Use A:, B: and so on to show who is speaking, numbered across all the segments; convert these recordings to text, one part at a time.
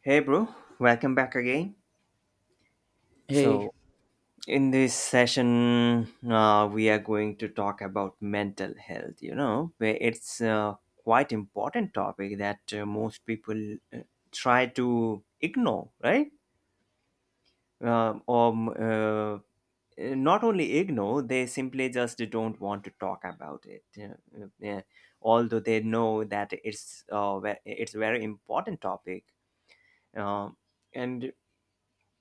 A: Hey, bro, welcome back again.
B: Hey,
A: So, in this session, we are going to talk about mental health. You know, where it's a quite important topic that most people try to ignore, right? Or Not only ignore, they simply just don't want to talk about it. Yeah, yeah. Although they know that it's it's a very important topic, um, and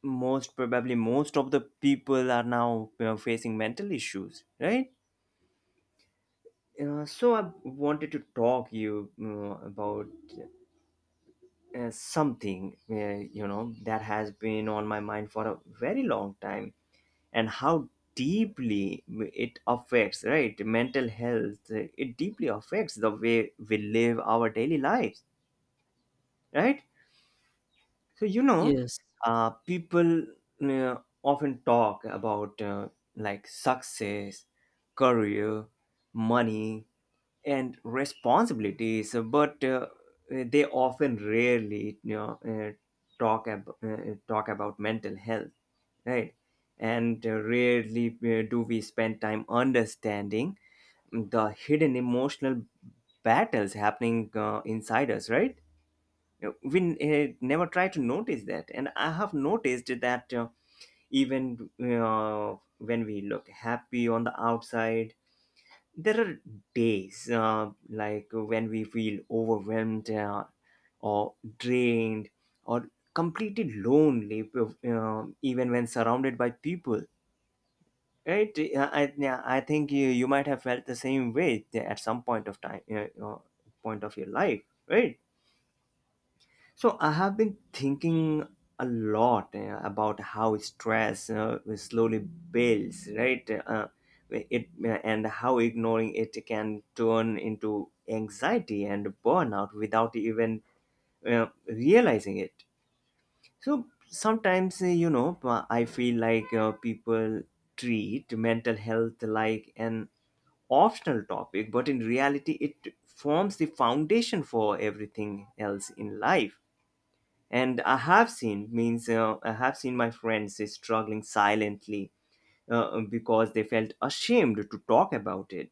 A: most probably most of the people are now facing mental issues, right? So I wanted to talk you about something that has been on my mind for a very long time, and how deeply it affects, right? Mental health, it deeply affects the way we live our daily lives, right. So
B: yes,
A: people uh, often talk about like success, career, money, and responsibilities, but they often rarely talk about mental health, right? And rarely do we spend time understanding the hidden emotional battles happening inside us, right? We never try to notice that, and I have noticed that even when we look happy on the outside, there are days like when we feel overwhelmed, or drained, or completely lonely, even when surrounded by people, right. I yeah, I think you, you might have felt the same way at some point of time, point of your life, right. So I have been thinking a lot about how stress slowly builds, right? It and how ignoring it can turn into anxiety and burnout without even realizing it. So sometimes, I feel like people treat mental health like an optional topic, but in reality, it forms the foundation for everything else in life. And I have seen my friends struggling silently because they felt ashamed to talk about it,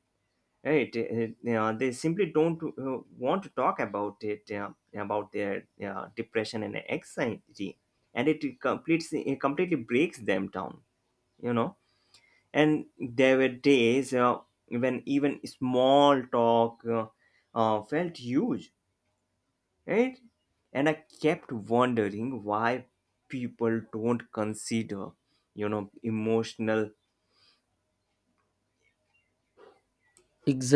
A: right. Yeah, they simply don't want to talk about it, about their depression and anxiety, and it completely breaks them down, you know. And there were days when even small talk felt huge, right? And I kept wondering why people don't consider, you know, emotional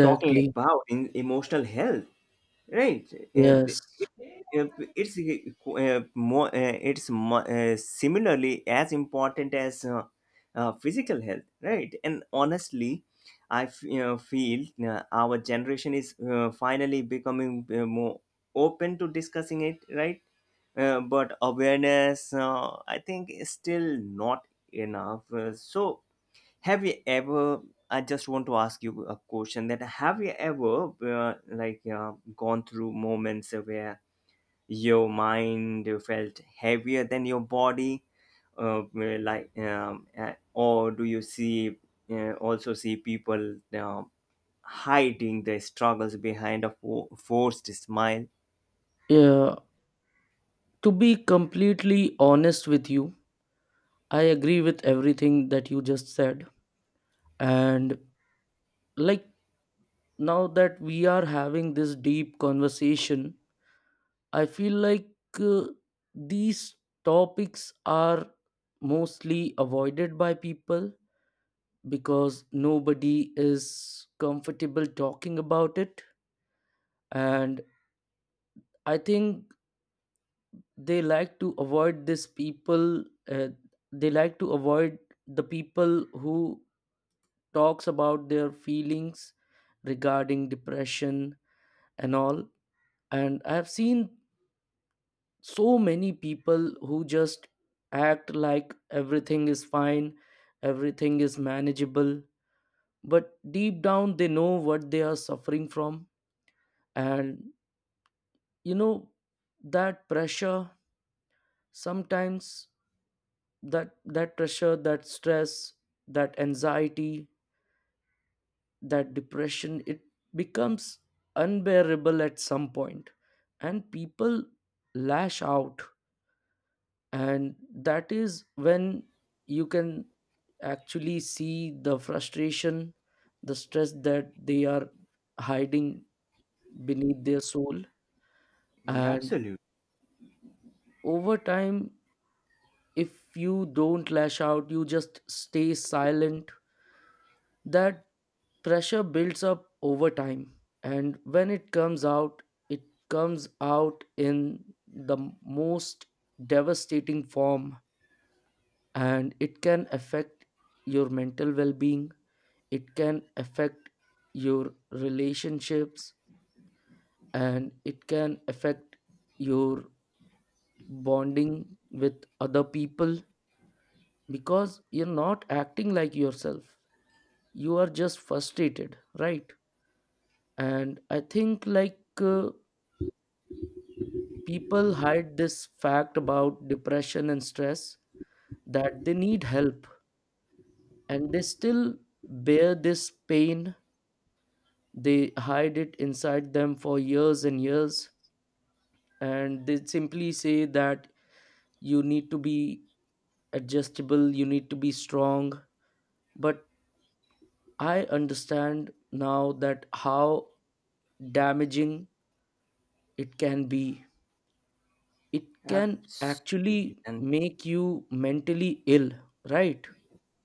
A: talking about in emotional health, right? Uh,
B: Yes.
A: uh, It's similarly as important as physical health, right? And honestly, I feel our generation is finally becoming more open to discussing it, right? But awareness, I think, is still not enough. So, have you ever? I just want to ask you a question: that have you ever, gone through moments where your mind felt heavier than your body, or do you see also see people hiding their struggles behind a forced smile?
B: Yeah. To be completely honest with you, I agree with everything that you just said. And like now that we are having this deep conversation, I feel like uh, these topics are mostly avoided by people because nobody is comfortable talking about it. And I think they like to avoid this people uh, they like to avoid the people who talks about their feelings regarding depression and all, and I have seen so many people who just act like everything is fine, everything is manageable, but deep down they know what they are suffering from. And you know that pressure sometimes, that pressure, that stress, that anxiety, that depression, it becomes unbearable at some point, and people lash out. And that is when you can actually see the frustration, the stress that they are hiding beneath their soul.
A: Yeah,
B: And
A: absolutely,
B: over time, if you don't lash out, you just stay silent. That pressure builds up over time, and when it comes out in the most devastating form, and it can affect your mental well being, it can affect your relationships, and it can affect your bonding with other people because you're not acting like yourself. You are just frustrated, right? And I think like people hide this fact about depression and stress that they need help, and they still bear this pain. They hide it inside them for years and years, and they simply say that you need to be adjustable, you need to be strong. But I understand now that how damaging it can be. It can
A: absolutely,
B: actually
A: and.
B: make you mentally ill, right?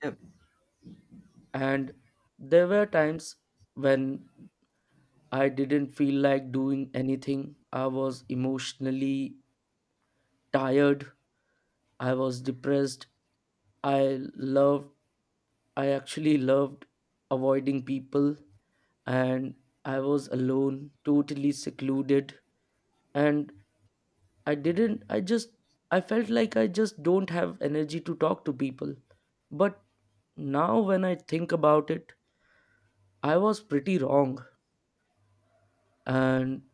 A: Yeah,
B: And there were times when I didn't feel like doing anything. I was emotionally tired, I was depressed, I loved I actually loved avoiding people, and I was alone, totally secluded. And I didn't, I just, I felt like I just don't have energy to talk to people. But now when I think about it, I was pretty wrong. And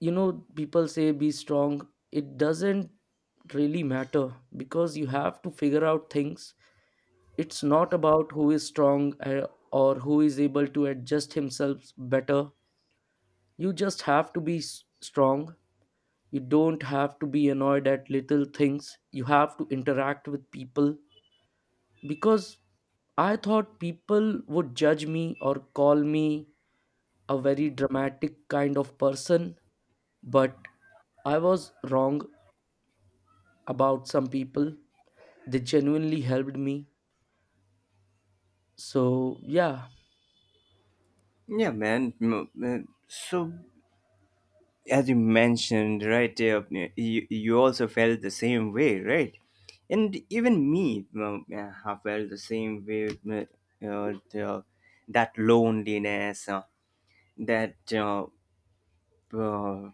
B: you know, people say be strong. It doesn't really matter because you have to figure out things. It's not about who is strong or who is able to adjust himself better. You just have to be strong. You don't have to be annoyed at little things. You have to interact with people because I thought people would judge me or call me a very dramatic kind of person, but I was wrong about some people. They genuinely helped me. So, yeah,
A: yeah, man. So, as you mentioned right there, you also felt the same way, right? And even me, yeah, I felt the same way. The, that loneliness, that uh,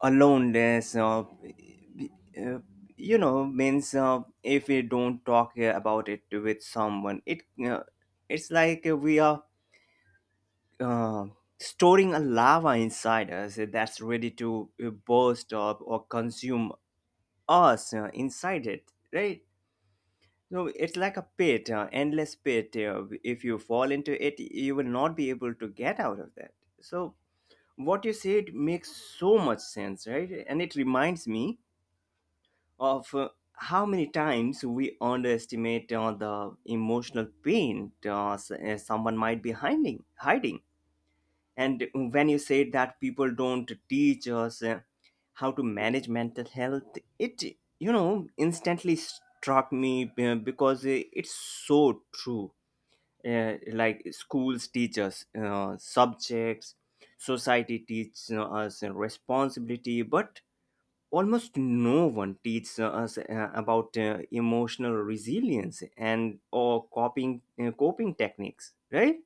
A: aloneness, you know, means if we don't talk about it with someone, it's like we are uh, storing a lava inside us that's ready to burst up or consume us inside it, right? So it's like a pit, endless pit. If you fall into it, you will not be able to get out of that. So what you said makes so much sense, right? And it reminds me of how many times we underestimate the emotional pain someone might be hiding. And when you say that people don't teach us how to manage mental health, it you know instantly struck me because it's so true. Like schools teach us subjects, society teaches us responsibility, but almost no one teaches us about emotional resilience and or coping techniques, right?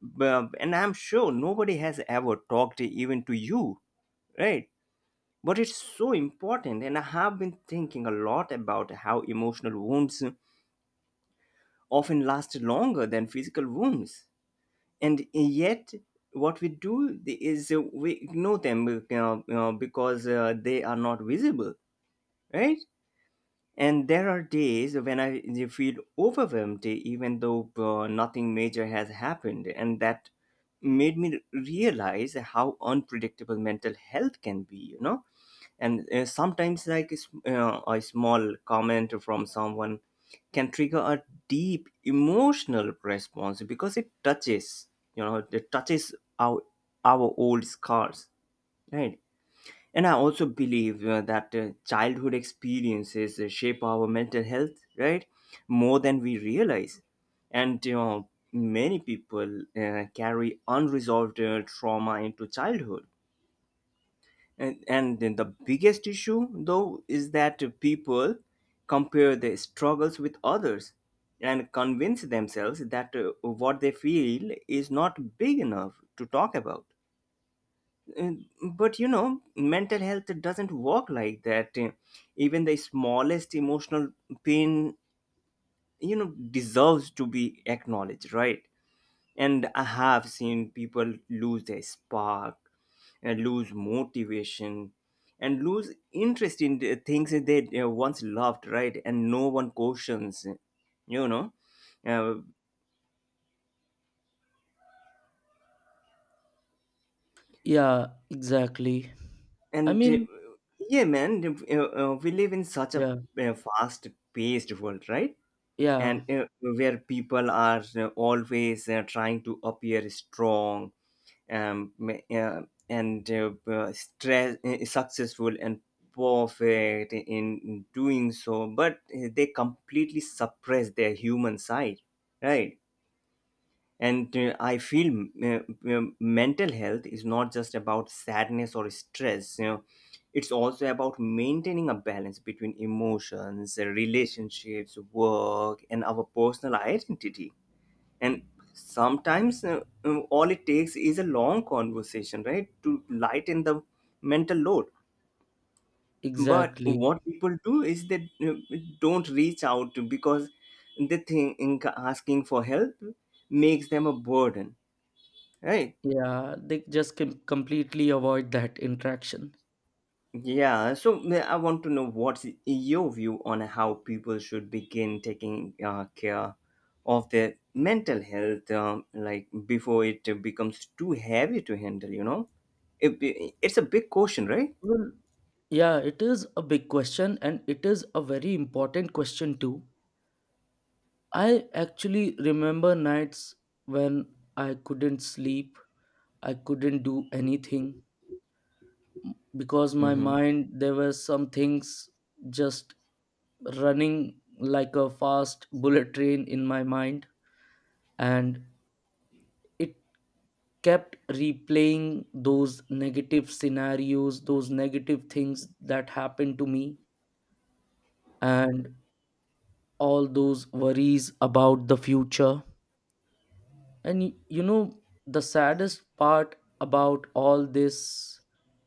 A: Well, and I'm sure nobody has ever talked even to you, right? But it's so important, and I have been thinking a lot about how emotional wounds often last longer than physical wounds, and yet what we do is we ignore them, because they are not visible, right. And there are days when I feel overwhelmed, even though nothing major has happened. And that made me realize how unpredictable mental health can be, you know? And sometimes, like a small comment from someone can trigger a deep emotional response because it touches, you know, it touches our, our old scars, right? And I also believe that childhood experiences shape our mental health, right? More than we realize. And you know, many people carry unresolved trauma into childhood. And then the biggest issue, though, is that people compare their struggles with others and convince themselves that what they feel is not big enough to talk about. And but you know mental health doesn't work like that. Even the smallest emotional pain, you know, deserves to be acknowledged, right. And I have seen people lose their spark, and lose motivation, and lose interest in the things that they once loved, right. And no one questions, you know uh,
B: yeah, exactly. I
A: and
B: mean,
A: yeah man, we live in such a
B: yeah,
A: fast paced world, right.
B: yeah,
A: And where people are always trying to appear strong, ma- and stress, successful and perfect in doing so, but they completely suppress their human side, right. And I feel mental health is not just about sadness or stress, you know. It's also about maintaining a balance between emotions, relationships, work, and our personal identity. And sometimes all it takes is a long conversation, right, to lighten the mental load. But
B: exactly.
A: what people do is they uh, don't reach out because they think asking for help makes them a burden, right.
B: Yeah, they just can completely avoid that interaction.
A: Yeah, so I want to know what's your view on how people should begin taking care of their mental health, like before it becomes too heavy to handle. You know, it, it's a big question, right?
B: Well, yeah, it is a big question, and it is a very important question too. I actually remember nights when I couldn't sleep, I couldn't do anything because my
A: Mm-hmm.
B: mind, there were some things just running like a fast bullet train in my mind, and it kept replaying those negative scenarios, those negative things that happened to me, and all those worries about the future. And you know, the saddest part about all this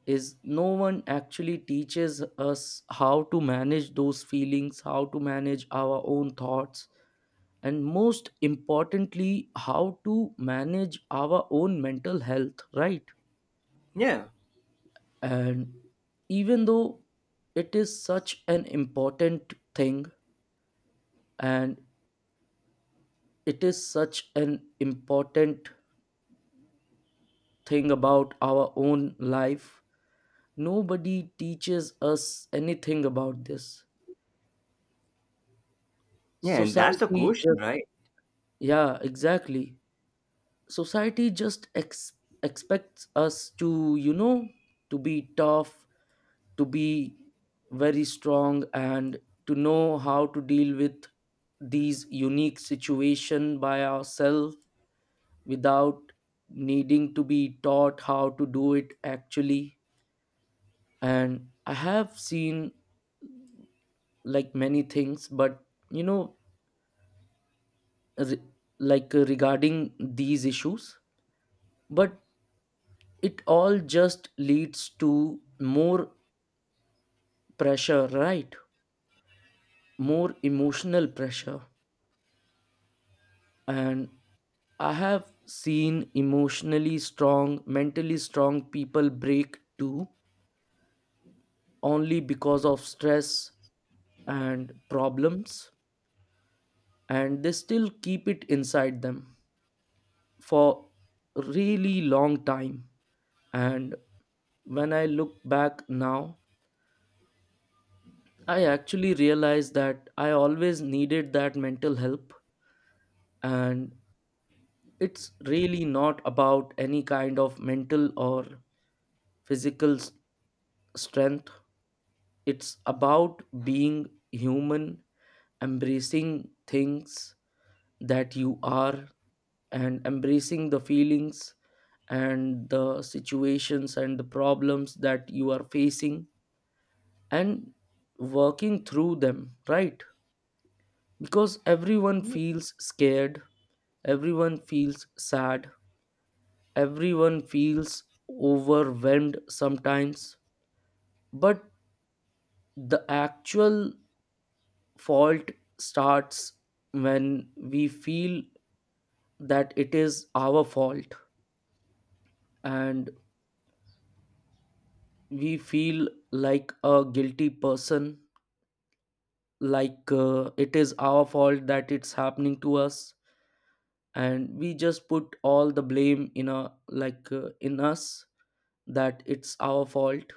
B: is no one actually teaches us how to manage those feelings, how to manage our own thoughts, and most importantly, how to manage our own mental health, right?
A: Yeah,
B: And even though it is such an important thing, and it is such an important thing about our own life, nobody teaches us anything about this.
A: yeah, and that's the
B: Society
A: question,
B: just,
A: right?
B: yeah, exactly. Society just expects us to, you know, to be tough, to be very strong, and to know how to deal with these unique situation by ourselves without needing to be taught how to do it actually. And I have seen like many things, but you know, re- like regarding these issues, but it all just leads to more pressure, right? More emotional pressure. And I have seen emotionally strong, mentally strong people break too, only because of stress and problems, and they still keep it inside them for really long time. And when I look back now, I actually realized that I always needed that mental help, and it's really not about any kind of mental or physical strength. It's about being human, embracing things that you are, and embracing the feelings and the situations and the problems that you are facing, and working through them, right? Because everyone feels scared. Everyone feels sad. Everyone feels overwhelmed sometimes. But the actual fault starts when we feel that it is our fault, and we feel like a guilty person, like it is our fault that it's happening to us. And we just put all the blame in a like in us that it's our fault.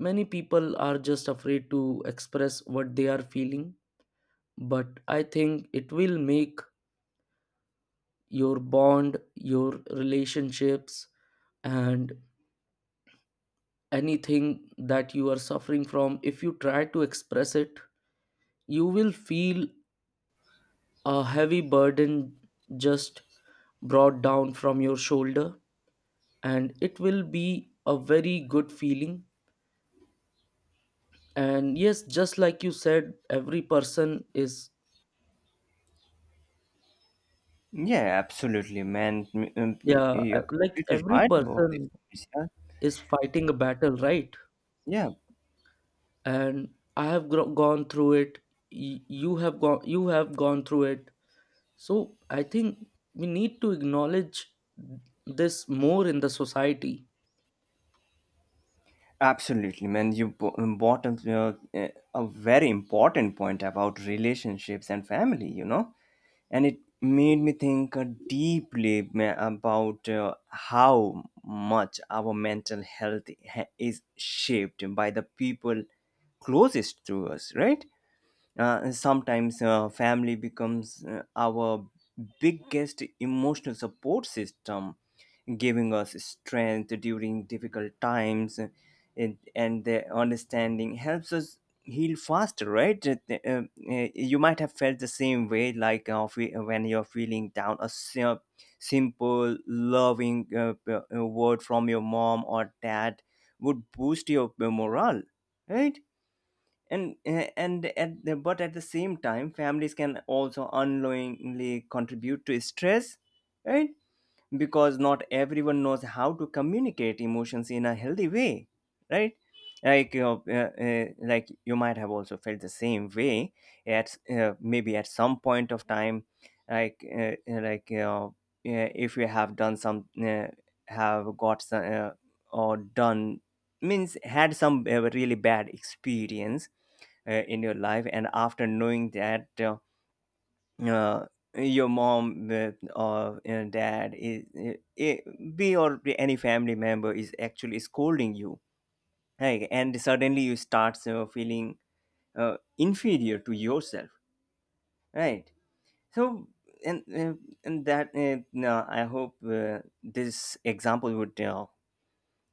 B: Many people are just afraid to express what they are feeling, but I think it will make your bond, your relationships, and anything that you are suffering from. If you try to express it, you will feel a heavy burden just brought down from your shoulder, and it will be a very good feeling. And yes, just like you said, every person is,
A: Yeah, absolutely, man. Mm, mm,
B: yeah,
A: you're
B: like
A: completely
B: every
A: right about
B: person
A: this. Yeah,
B: is fighting a battle, right?
A: yeah.
B: And I have gone through it. You have gone, you have gone through it. So I think we need to acknowledge this more in the society.
A: Absolutely, man. You brought up a very important point about relationships and family, you know, and it made me think deeply about how much our mental health is shaped by the people closest to us, right? Sometimes family becomes our biggest emotional support system, giving us strength during difficult times, and their understanding helps us heal faster. Right? You might have felt the same way, like when you're feeling down, a simple, loving word from your mom or dad would boost your morale. Right? But at the same time, families can also unknowingly contribute to stress, right? Because not everyone knows how to communicate emotions in a healthy way, right. like you like you might have also felt the same way at maybe at some point of time, like uh, like you if you have done some have got some, or done means had some really bad experience in your life, and after knowing that uh, your mom or dad is be or any family member is actually scolding you, right. And suddenly you start feeling inferior to yourself, right. So, and uh, and that no, I hope this example would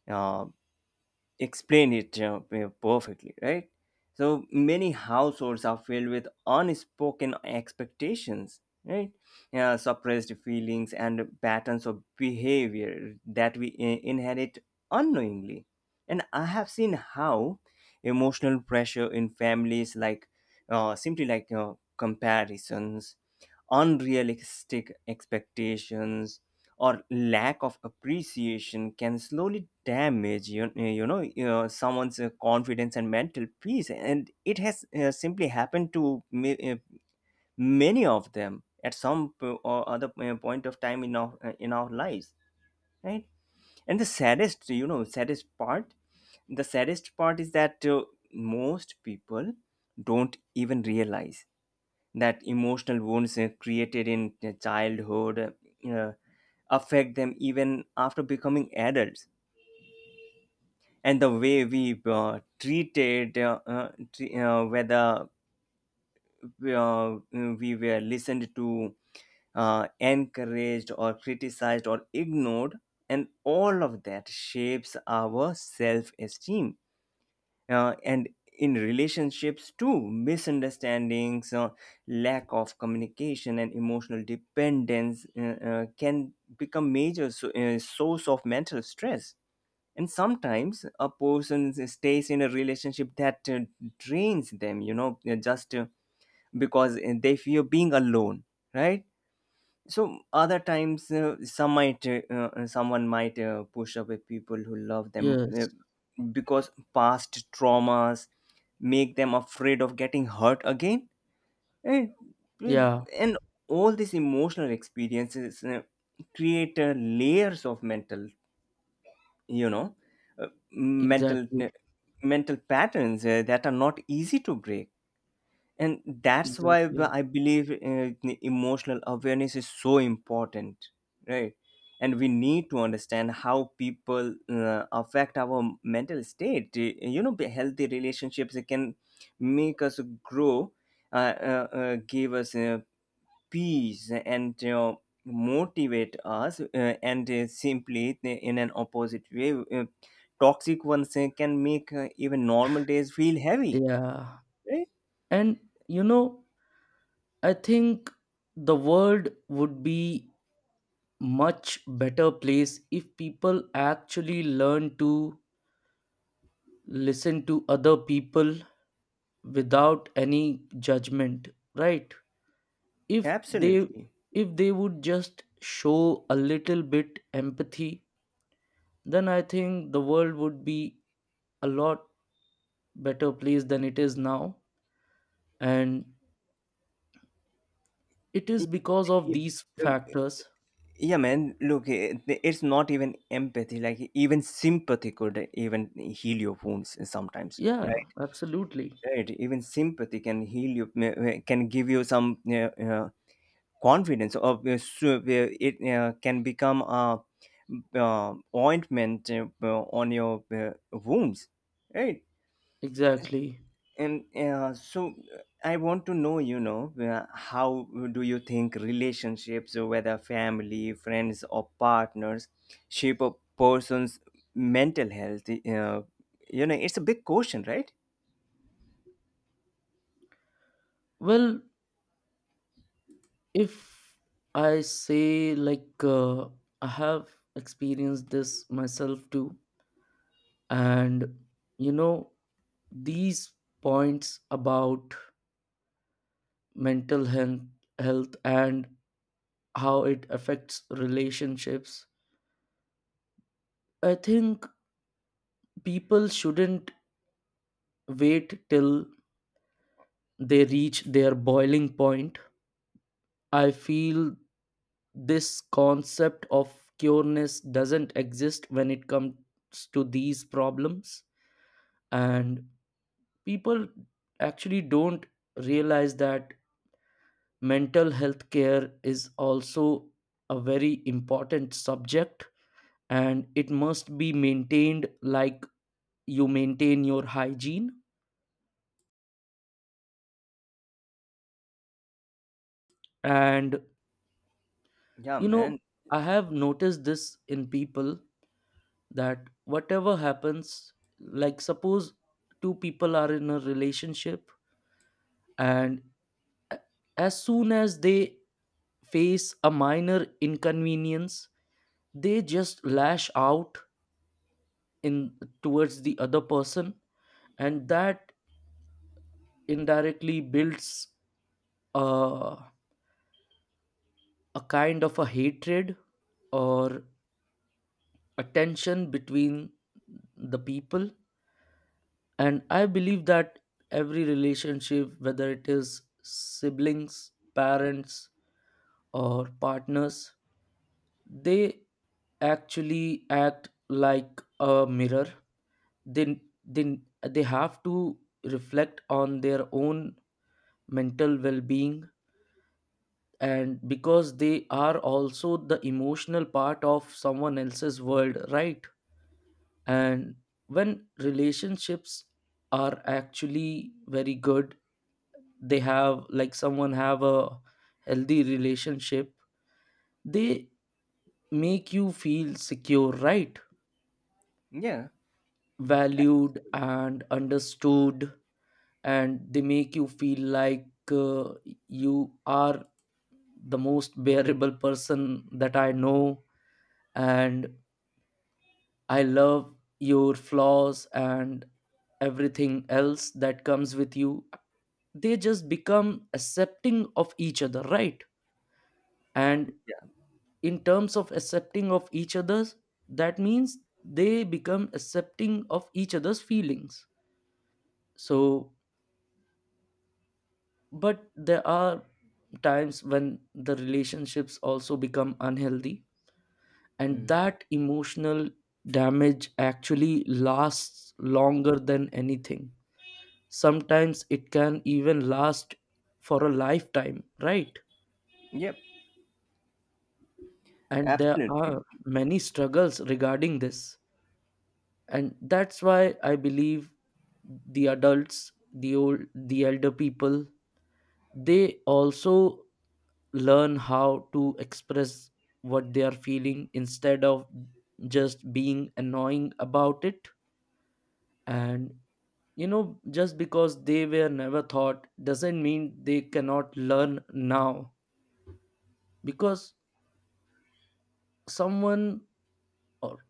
A: uh, explain it perfectly, right? So many households are filled with unspoken expectations, right? Suppressed feelings and patterns of behavior that we inherit unknowingly. And I have seen how emotional pressure in families, like, simply, like, comparisons, unrealistic expectations or lack of appreciation can slowly damage you, you know you someone's confidence and mental peace. And it has simply happened to many of them at some or other point of time in our, lives, right? And the saddest you know saddest part the saddest part is that, most people don't even realize that emotional wounds created in childhood uh, affect them even after becoming adults. And the way whether, uh, uh, we were listened to, encouraged or criticized or ignored, and all of that shapes our self-esteem. And in relationships too, misunderstandings, lack of communication and emotional dependence can become major, source of mental stress. And sometimes a person stays in a relationship that drains them, just because they fear being alone, right? So other times, someone might push away people who love them
B: Yes,
A: because past traumas make them afraid of getting hurt again. and,
B: yeah,
A: and all these emotional experiences create layers of mental, you know uh, mental
B: exactly.
A: uh, mental patterns that are not easy to break. And that's why b-
B: Exactly.
A: i believe the emotional awareness is so important, right? And we need to understand how people affect our mental state. Healthy relationships can make us grow, give us peace and, motivate us, and simply, in an opposite way, uh, toxic ones can make even normal days feel heavy,
B: Yeah,
A: right?
B: and you know, I think the world would be much better place if people actually learn to listen to other people without any judgment, right? If they,
A: Absolutely.
B: if they would just show a little bit empathy, then I think the world would be a lot better place than it is now, and it is because of
A: Y-
B: these
A: um,
B: factors.
A: Yeah, man. Look, it's not even empathy. Like, even sympathy could even heal your wounds sometimes,
B: Yeah,
A: right?
B: absolutely.
A: Right. Even sympathy can heal you. Can give you some, confidence. It can become a, ointment on your wounds, right?
B: Exactly.
A: And I want to know, how do you think relationships, whether family, friends, or partners, shape a person's mental health? It's a big question, right?
B: Well, if I say like I have experienced this myself too. And you know, these points about mental health, health, and how it affects relationships, I think people shouldn't wait till they reach their boiling point. I feel this concept of cureness doesn't exist when it comes to these problems, and people actually don't realize that mental health care is also a very important subject, and it must be maintained like you maintain your hygiene. And
A: Yeah,
B: you know,
A: man.
B: I have noticed this in people that whatever happens, like suppose two people are in a relationship, and a- as soon as they face a minor inconvenience, they just lash out in towards the other person, and that indirectly builds uh, a kind of a hatred or a tension between the people. And I believe that every relationship, whether it is siblings, parents, or partners, they actually act like a mirror. They they, they have to reflect on their own mental well-being, and because they are also the emotional part of someone else's world, right? And when relationships are actually very good, they have like someone have a healthy relationship, they make you feel secure, right?
A: Yeah.
B: Valued and understood, and they make you feel like uh, you are the most bearable person that I know, and I love your flaws and everything else that comes with you. They just become accepting of each other, right? And
A: Yeah.
B: in terms of accepting of each other's, that means they become accepting of each other's feelings. So, but there are times when the relationships also become unhealthy, and
A: Mm.
B: that emotional damage actually lasts longer than anything. Sometimes it can even last for a lifetime, right?
A: Yep.
B: And there are
A: Absolutely.
B: many struggles regarding this, and that's why I believe the adults, the old, the elder people, they also learn how to express what they are feeling instead of just being annoying about it. And you know, just because they were never taught doesn't mean they cannot learn now, because someone or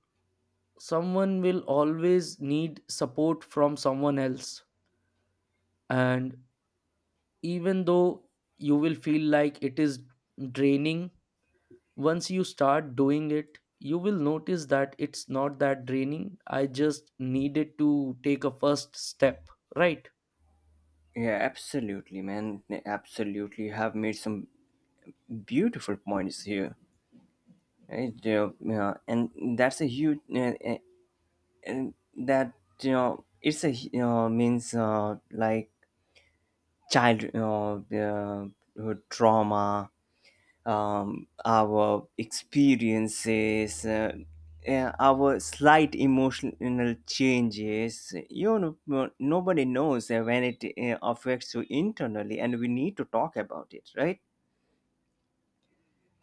B: someone will always need support from someone else. And even though you will feel like it is draining, once you start doing it, you will notice that it's not that draining. I just needed to take a first step, right?
A: Yeah, absolutely, man. Absolutely. You have made some beautiful points here. Right? Yeah, yeah. And that's a huge. And that, it's a, you know, means like child, trauma, our experiences, yeah, our slight emotional changes, nobody knows when it affects you internally, and we need to talk about it, right?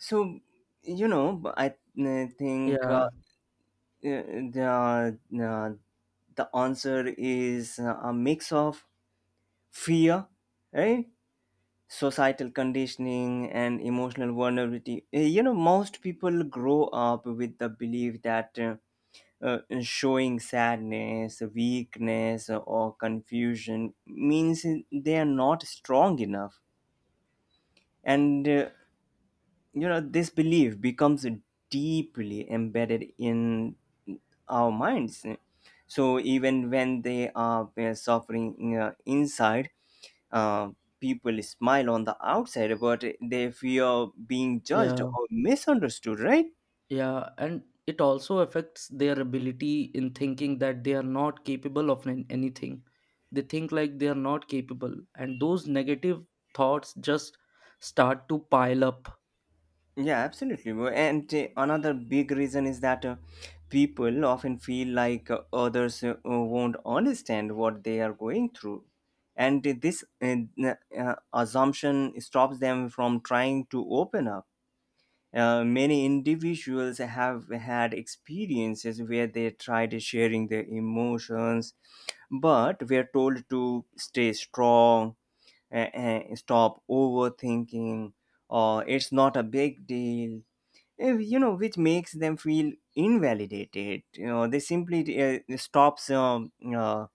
A: So, you know but I think,
B: Yeah,
A: the, answer is a mix of fear, right? Societal conditioning and emotional vulnerability. You know, most people grow up with the belief that showing sadness, weakness, or confusion means they are not strong enough. And you know, this belief becomes deeply embedded in our minds, so even when they are suffering inside, uh, people smile on the outside but they fear being
B: yeah.
A: judged or misunderstood, right?
B: Yeah, and it also affects their ability in thinking that they are not capable of anything. They think like they are not capable, and those negative thoughts just start to pile up.
A: Yeah, absolutely. And another big reason is that people often feel like others won't understand what they are going through. And this assumption stops them from trying to open up. Many individuals have had experiences where they tried sharing their emotions, but were told to stay strong, stop overthinking, or it's not a big deal, you know, which makes them feel invalidated. They simply stops, um, uh,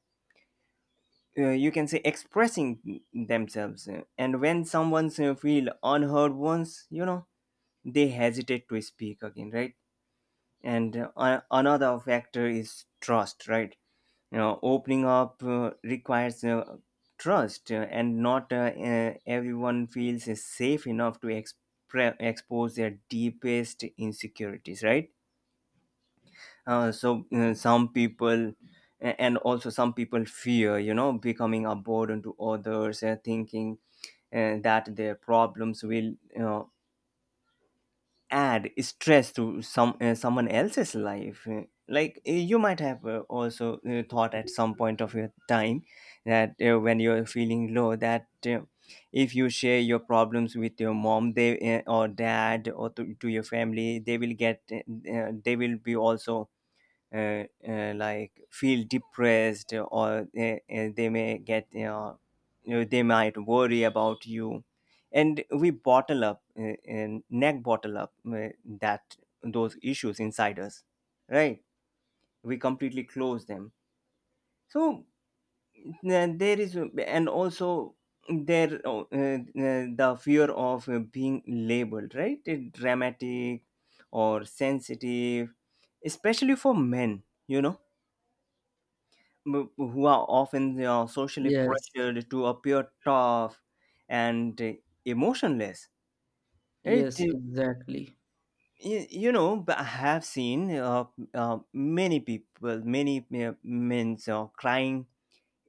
A: uh, you can say, expressing themselves. And when someone's feel unheard once, they hesitate to speak again, right? And another factor is trust, right? You know, opening up requires trust, and not everyone feels safe enough to expose their deepest insecurities, right? Some people, and also some people fear, becoming a burden to others and thinking that their problems will, add stress to some, someone else's life. Like, you might have also thought at some point of your time that when you're feeling low, that if you share your problems with your mom, they, or dad or to your family, they will get, they will be also, like feel depressed, or they may get, they might worry about you. And we bottle up that, those issues inside us, right? We completely close them. So, uh, there is, and also, there, the fear of being labeled, right? Dramatic or sensitive, especially for men, m- who are often, socially
B: Yes,
A: pressured to appear tough and emotionless. It,
B: yes, exactly.
A: I have seen many people, many men crying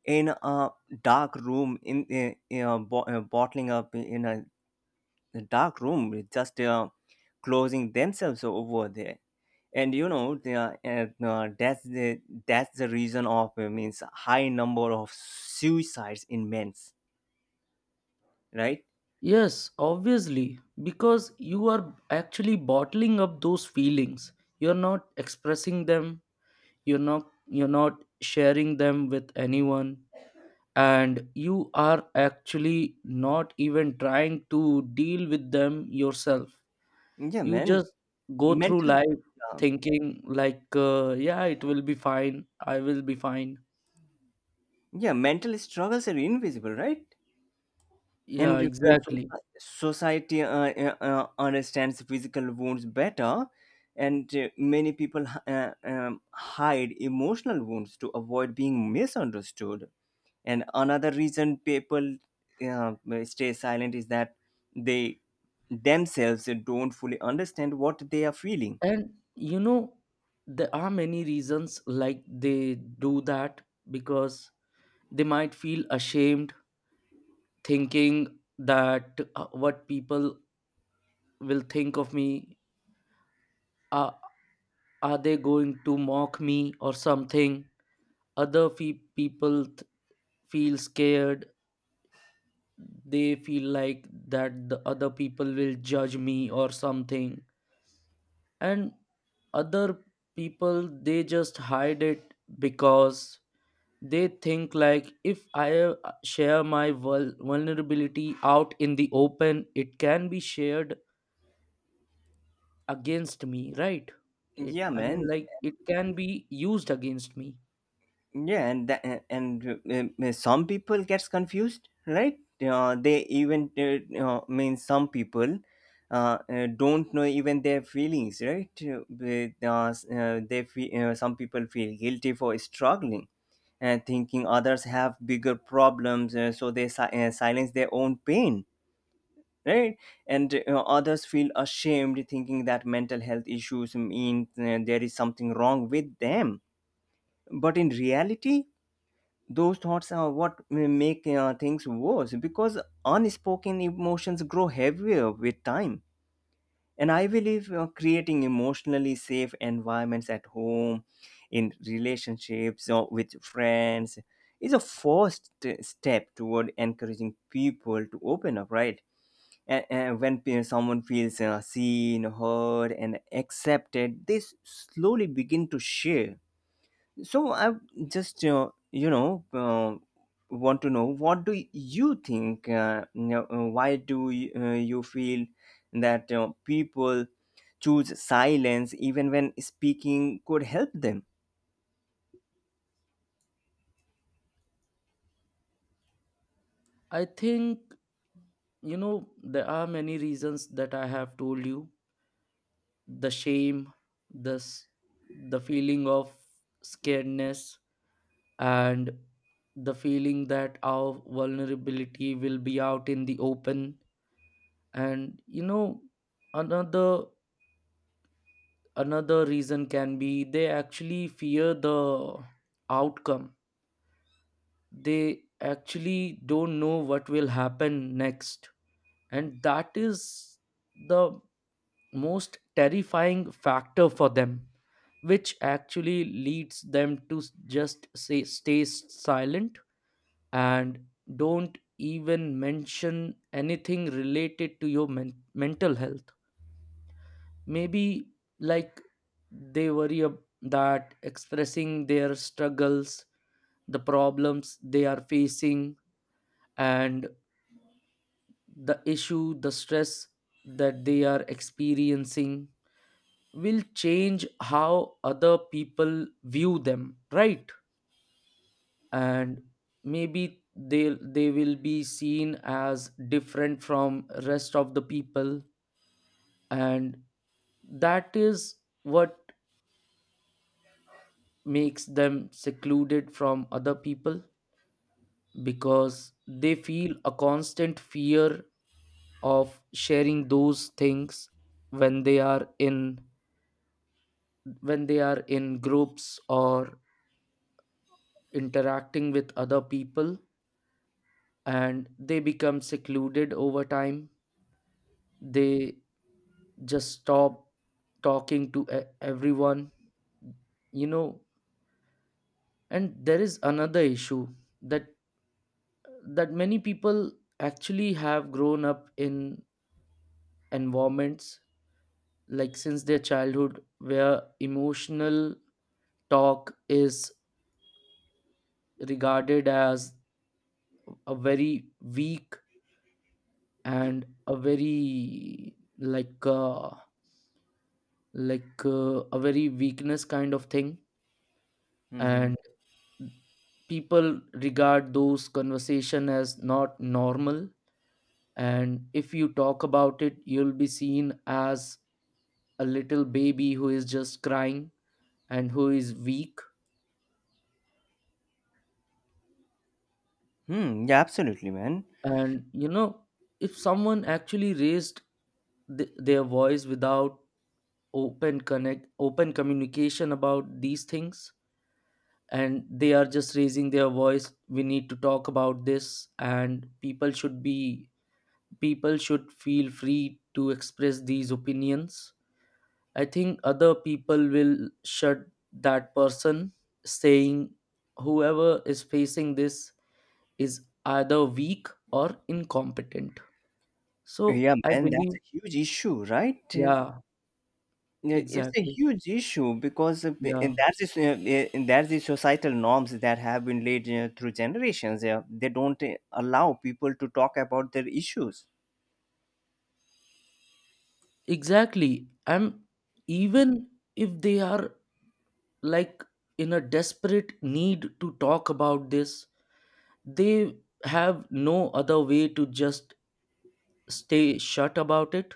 A: in a dark room, in, bottling up in a The dark room, with just closing themselves over there. And you know they are, and, that's the reason of, means high number of suicides in men's, right?
B: Yes, obviously, because you are actually bottling up those feelings. You're not expressing them, you're not, you're not sharing them with anyone, and you are actually not even trying to deal with them yourself.
A: Yeah,
B: You
A: man.
B: just go through
A: Mental,
B: life
A: uh,
B: thinking like yeah, it will be fine, I will be fine.
A: yeah, mental struggles are invisible, right?
B: Yeah,
A: And if,
B: exactly.
A: society understands physical wounds better, and many people hide emotional wounds to avoid being misunderstood. And another reason people uh, stay silent is that they themselves don't fully understand what they are feeling.
B: And you know, there are many reasons like they do that because they might feel ashamed, thinking that what people will think of me, uh, are they going to mock me or something. Other people feel scared. They feel like that the other people will judge me or something. And other people, they just hide it because they think like if I share my vulnerability out in the open, it can be shared against me, right? I
A: Yeah,
B: i mean
A: man.
B: like it can be used against me.
A: Yeah, and some people gets confused, right? They even, mean, some people don't know even their feelings, right? They, s- they fe- Some people feel guilty for struggling and thinking others have bigger problems, so they silence their own pain, right? And others feel ashamed thinking that mental health issues mean there is something wrong with them. But in reality, those thoughts are what make things worse because unspoken emotions grow heavier with time. And I believe creating emotionally safe environments at home, in relationships or with friends, is a first step toward encouraging people to open up, right? And when someone feels seen, heard and accepted, they slowly begin to share. So I just, want to know, what do you think, why do you feel that people choose silence even when speaking could help them?
B: I think you know, there are many reasons that I have told you: the shame, the the feeling of scaredness, and the feeling that our vulnerability will be out in the open. And you know, another another reason can be they actually fear the outcome. They actually don't know what will happen next, and that is the most terrifying factor for them, which actually leads them to just say stay silent and don't even mention anything related to your mental health. Maybe like they worry that expressing their struggles, the problems they are facing, and the issue, the stress that they are experiencing, will change how other people view them, right? And maybe they will be seen as different from rest of the people, and that is what makes them secluded from other people because they feel a constant fear of sharing those things when they are in, when they are in groups or interacting with other people, and they become secluded over time. They just stop talking to everyone, you know. And there is another issue that many people actually have grown up in environments like since their childhood where emotional talk is regarded as a very weak and a very like a very weakness kind of thing.
A: Hmm.
B: And people regard those conversation as not normal, and if you talk about it, you'll be seen as a little baby who is just crying and who is weak.
A: Hmm. Yeah, absolutely, man.
B: And you know, if someone actually raised their voice without open connect open communication about these things, and they are just raising their voice, we need to talk about this, and people should be, people should feel free to express these opinions. I think other people will shut that person, saying whoever is facing this is either weak or incompetent. So
A: Yeah,
B: I
A: man. That's
B: believe,
A: a huge issue, right?
B: yeah,
A: Yeah, it's a
B: exactly.
A: huge issue because of the-
B: Yeah,
A: and that's the s- and that's the societal norms that have been laid through generations. Yeah, they don't allow people to talk about their issues.
B: exactly. I'm, even if they are like in a desperate need to talk about this, they have no other way to just stay shut about it,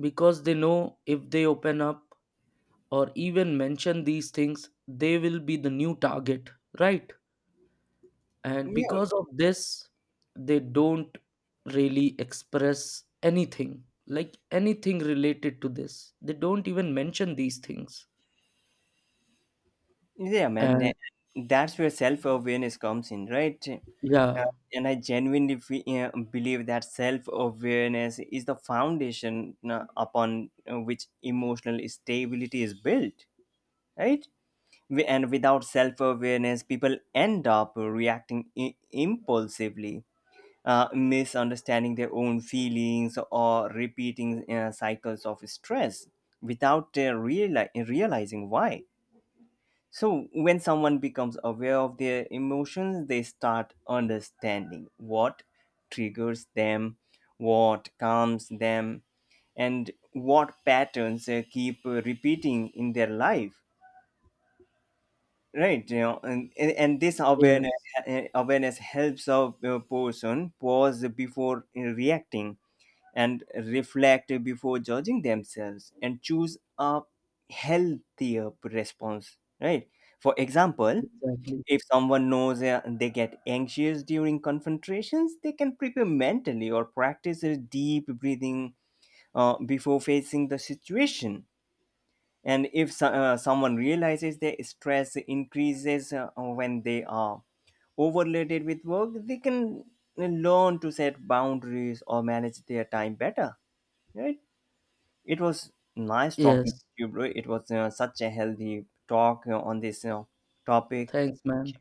B: because they know if they open up or even mention these things, they will be the new target, right? And
A: Yeah,
B: because of this, they don't really express anything like anything related to this. They don't even mention these things.
A: yeah, man.
B: And
A: That's where self-awareness comes in, right? Uh,
B: yeah,
A: and I genuinely believe that self-awareness is the foundation upon which emotional stability is built, right? And without self-awareness, people end up reacting impulsively, misunderstanding their own feelings or repeating cycles of stress without realizing why. So when someone becomes aware of their emotions, they start understanding what triggers them, what calms them, and what patterns keep repeating in their life, right? You know, and this
B: yes,
A: awareness helps a person pause before reacting and reflect before judging themselves and choose a healthier response, right? For example,
B: exactly.
A: if someone knows they get anxious during confrontations, they can prepare mentally or practice a deep breathing before facing the situation. And if, someone realizes their stress increases when they are overloaded with work, they can learn to set boundaries or manage their time better, right? It was nice talking to
B: Yes,
A: you, bro. It was, such a healthy talk on this, topic.
B: thanks, man.